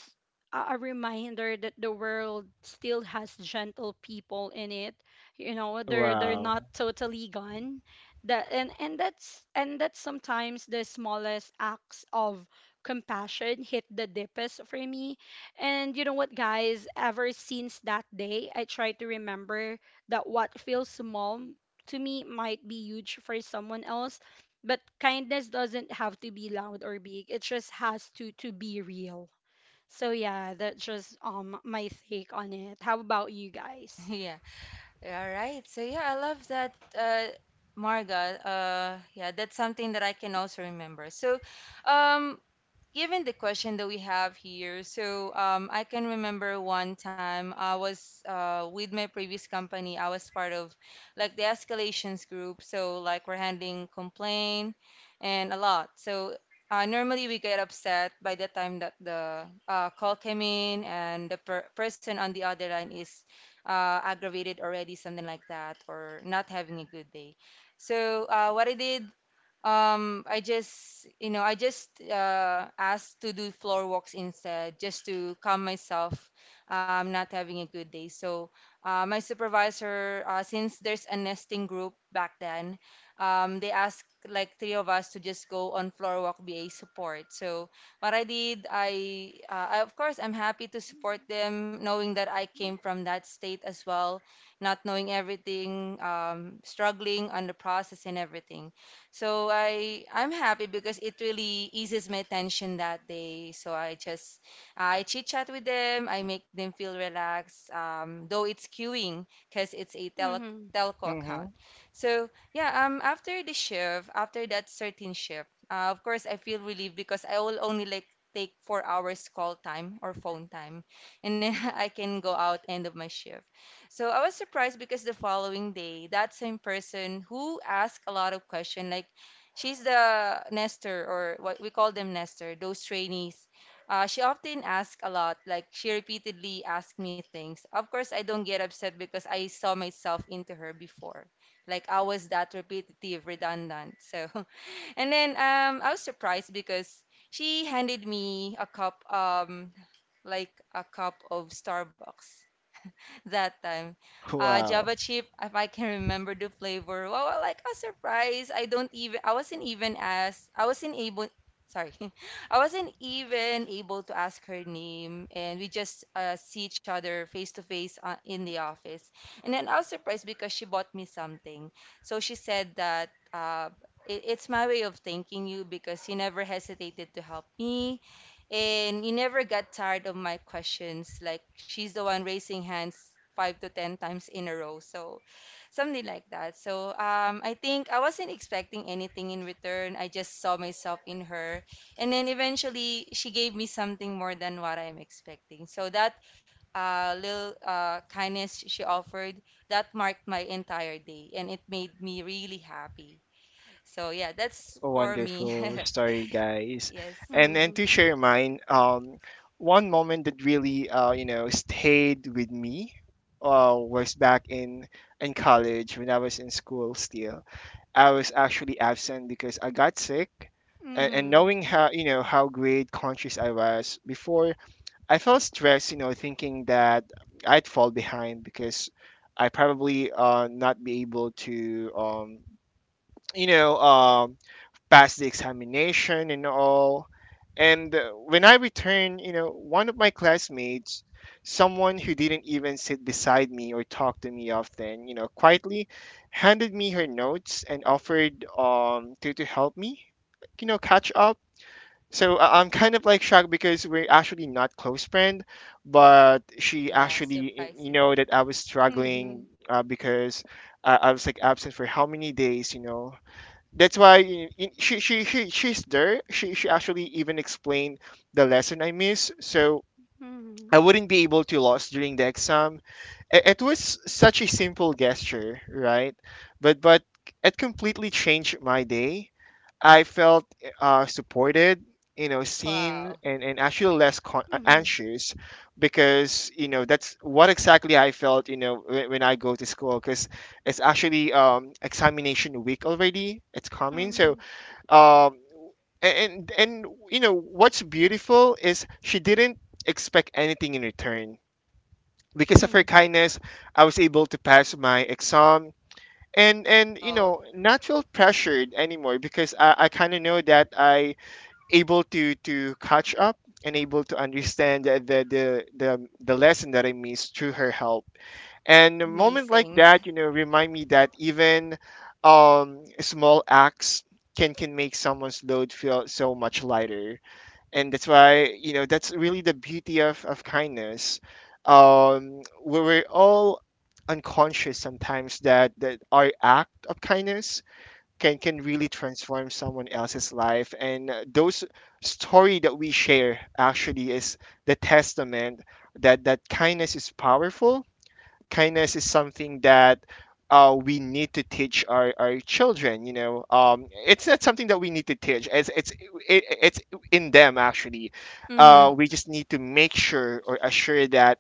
C: a reminder that the world still has gentle people in it. You know, they're not
A: Wow.
C: totally gone. That and that's and That sometimes the smallest acts of compassion hit the deepest for me. And you know what, guys, ever since that day I try to remember that what feels small to me might be huge for someone else, but kindness doesn't have to be loud or big, it just has to be real. So yeah, that's just my take on it. How about you guys?
B: Yeah. All right. So yeah, I love that, Marga. Yeah, that's something that I can also remember. So, um, given the question that we have here, so I can remember one time I was with my previous company. I was part of like the escalations group, so like we're handling complaint and a lot. So, normally we get upset by the time that the call came in and the person on the other line is aggravated already, something like that, or not having a good day. So, what I did, I just asked to do floor walks instead, just to calm myself. I'm not having a good day. So, my supervisor, since there's a nesting group back then, they asked like three of us to just go on floor walk BA support. So what I did, I of course I'm happy to support them, knowing that I came from that state as well, not knowing everything, struggling on the process and everything. So I'm happy because it really eases my tension that day. So I chit chat with them. I make them feel relaxed. Though it's queuing because it's a tele
C: Mm-hmm.
B: telco
A: Mm-hmm.
B: account. So yeah, after that certain shift, of course I feel relieved because I will only like take 4 hours call time or phone time, and then I can go out end of my shift. So I was surprised because the following day, that same person who asked a lot of questions, like she's the nester or what we call them nester, those trainees. She often asked a lot, like she repeatedly asked me things. Of course, I don't get upset because I saw myself into her before. Like I was that repetitive, redundant. So, and then I was surprised because she handed me a cup, like a cup of Starbucks. That time. Java
A: Wow.
B: chip, if I can remember the flavor, wow, well, like a surprise. I don't even, I wasn't even asked, I wasn't able, sorry, I wasn't even able to ask her name. And we just see each other face to face, in the office. And then I was surprised because she bought me something. So she said that, it's my way of thanking you because you never hesitated to help me and you never got tired of my questions. Like she's the one raising hands 5 to 10 times in a row. So something like that. So I think I wasn't expecting anything in return. I just saw myself in her. And then eventually she gave me something more than what I'm expecting. So that little kindness she offered, that marked my entire day. And it made me really happy. So yeah, that's
A: A
B: for me.
A: wonderful story, guys.
B: Yes.
A: And to
C: Mm-hmm.
A: share mine, one moment that really you know stayed with me was back in college when I was in school still. I was actually absent because I got sick. And
C: Mm-hmm.
A: knowing how you know how grade conscious I was before, I felt stressed. You know, thinking that I'd fall behind because I probably not be able to you know pass the examination and all. And when I returned, you know, one of my classmates, someone who didn't even sit beside me or talk to me often, you know, quietly handed me her notes and offered to help me, you know, catch up. So I'm kind of like shocked because we're actually not close friend, but she
B: Yeah,
A: actually,
B: surprising.
A: you know, that I was
C: Mhm.
A: struggling because I was like absent for how many days, you know, that's why in, she's there, she actually even explained the lesson I missed, so
C: Mhm.
A: I wouldn't be able to lose during the exam. It was such a simple gesture, right, but it completely changed my day. I felt supported, you know, seen,
B: Wow.
A: and actually less
C: Mhm.
A: anxious, because you know that's what exactly I felt, you know, when I go to school because it's actually examination week already, it's coming. So
C: Mhm.
A: um, and you know what's beautiful is she didn't expect anything in return. Because of her
C: Mhm.
A: kindness, I was able to pass my exam. And you
B: Wow.
A: know, not feel pressured anymore, because I kind of know that I able to catch up and able to understand the lesson that I missed through her help. And a moment like
B: Amazing.
A: that, you know, remind me that even small acts can make someone's load feel so much lighter. And that's why, you know, that's really the beauty of kindness. Where we're all unconscious sometimes that, that our act of kindness can really transform someone else's life. And those story that we share actually is the testament that that kindness is powerful. Kindness is something that we need to teach our children, you know, it's not something that we need to teach, it's it's in them actually. Uh,
B: Hmm.
A: we just need to make sure or assure that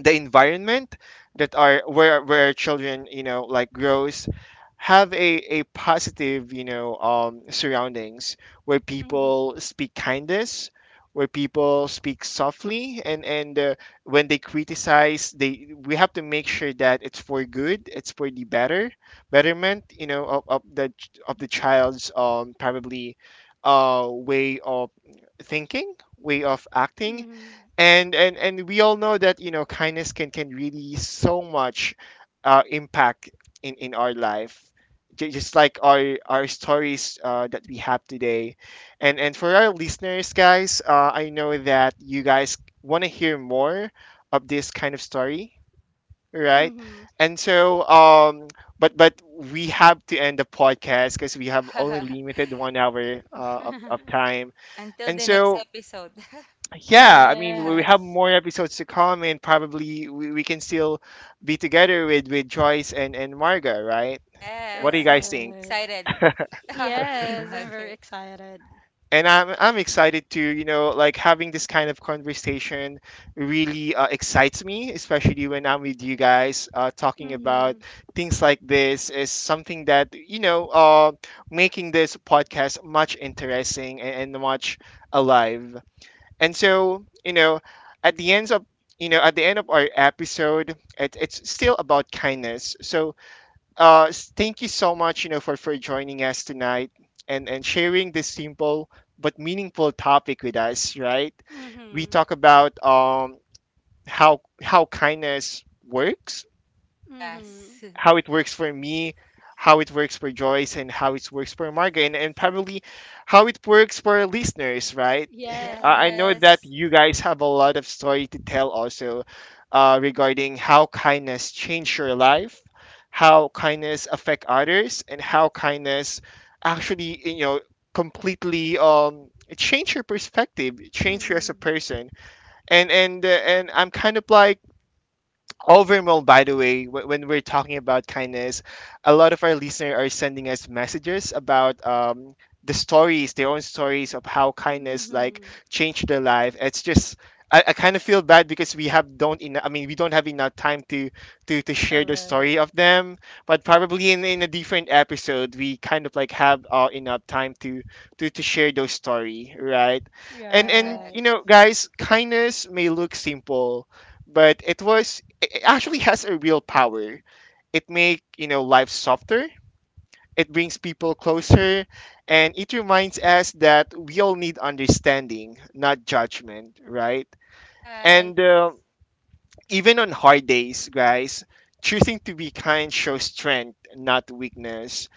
A: the environment that are where children you know like grows have a positive, you know, surroundings where
C: Mhm.
A: people speak kindness, where people speak softly, and when they criticize, they we have to make sure that it's for good, it's for the better betterment, you know, of the of the child's probably way of thinking, way of acting.
C: Mhm.
A: And we all know that, you know, kindness can really so much impact in our life. Just like our stories that we have today. And for our listeners, guys, I know that you guys want to hear more of this kind of story, right?
C: Mhm.
A: And so um, but we have to end the podcast because we have only limited 1 hour of time.
B: Until
A: And
B: the next
A: so
B: episode.
A: yeah, I mean, we have
C: Yes.
A: more episodes to come, and probably we can still be together with Joyce and Marga, right? What do you
B: Yes.
A: guys think?
C: Correct.
B: Excited.
C: Yes, I'm very
B: Okay.
C: excited.
A: And I'm excited to you know like having this kind of conversation. Really excites me, especially when I'm with you guys talking
C: Mhm.
A: about things like this is something that you know making this podcast much interesting and much alive. And so, you know, at the end of you know at the end of our episode, it's still about kindness. So, thank you so much, you know, for joining us tonight and sharing this simple but meaningful topic with us. Right? We
C: Mhm.
A: talk about how kindness works,
C: Mhm.
B: Yes.
A: how it works for me, how it works for Joyce, and how it works for Marga, and probably how it works for our listeners, right? I know
C: Yes.
A: that
B: Yes.
A: you guys have a lot of story to tell also regarding how kindness changed your life, how kindness affect others, and how kindness actually, you know, completely change your perspective, change you as
C: Mhm.
A: a person. And I'm kind of like overall, by the way, when we're talking about kindness, a lot of our listeners are sending us messages about the stories, their own stories of how kindness like
C: Mhm.
A: changed their life. It's just I kind of feel bad because we have don't enough. I mean, we don't have enough time to to share the
C: Correct.
A: story of them. But probably in a different episode, we kind of like have enough time to to share those story, right? And
C: Right.
B: Correct.
A: you know, guys, kindness may look simple, but it was it actually has a real power. It make you know life softer. It brings people closer, and it reminds us that we all need understanding, not judgment, right?
B: Right.
A: And even on hard days, guys, choosing to be kind shows strength, not weakness.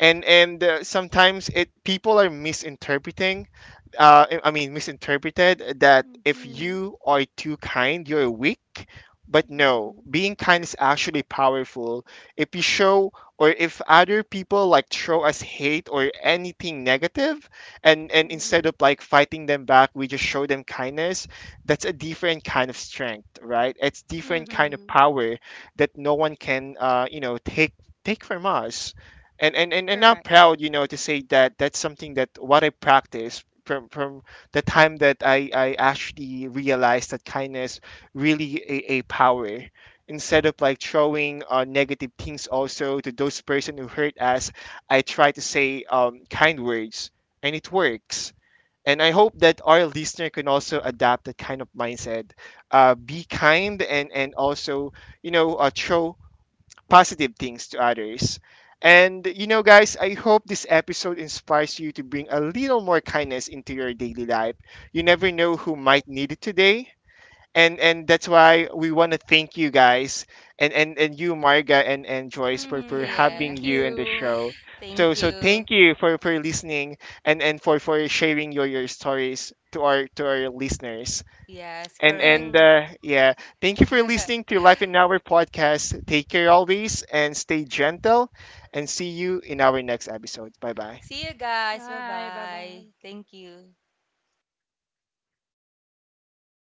A: And sometimes it people are misinterpreting uh, I mean, misinterpreted that if
C: Mhm.
A: you are too kind, you're weak. But no,
C: Mhm.
A: being kind is actually powerful. If you show, or if other people like throw us hate or anything negative, and
C: Mhm.
A: instead of like fighting them back, we just show them kindness. That's a different kind of strength, right? It's different kind of
C: Mhm.
A: power that no one can, you know, take take from us. And I'm
C: Correct.
A: proud, you know, to say that that's something that what I practice from the time that I actually realized that kindness really a power. Instead of like throwing negative things also to those person who hurt us, I try to say kind words, and it works. And I hope that our listener can also adapt that kind of mindset, be kind, and also you know throw positive things to others. And you know, guys, I hope this episode inspires you to bring a little more kindness into your daily life. You never know who might need it today. And that's why we want to thank you guys, and you Marga, and Joyce, for
C: Mhm. Thank
A: having
B: Yes.
A: you in the
C: you.
A: show.
B: Thank
A: So so
B: you.
A: thank you for listening, and for sharing your stories to our listeners.
B: Yes, correct.
A: And
C: Mhm.
A: yeah, thank you for listening to Life in Our podcast. Take care always and stay gentle and see you in our next episode. Bye bye.
B: See you guys.
C: Bye. Bye.
B: Bye-bye.
C: Bye.
B: Thank you.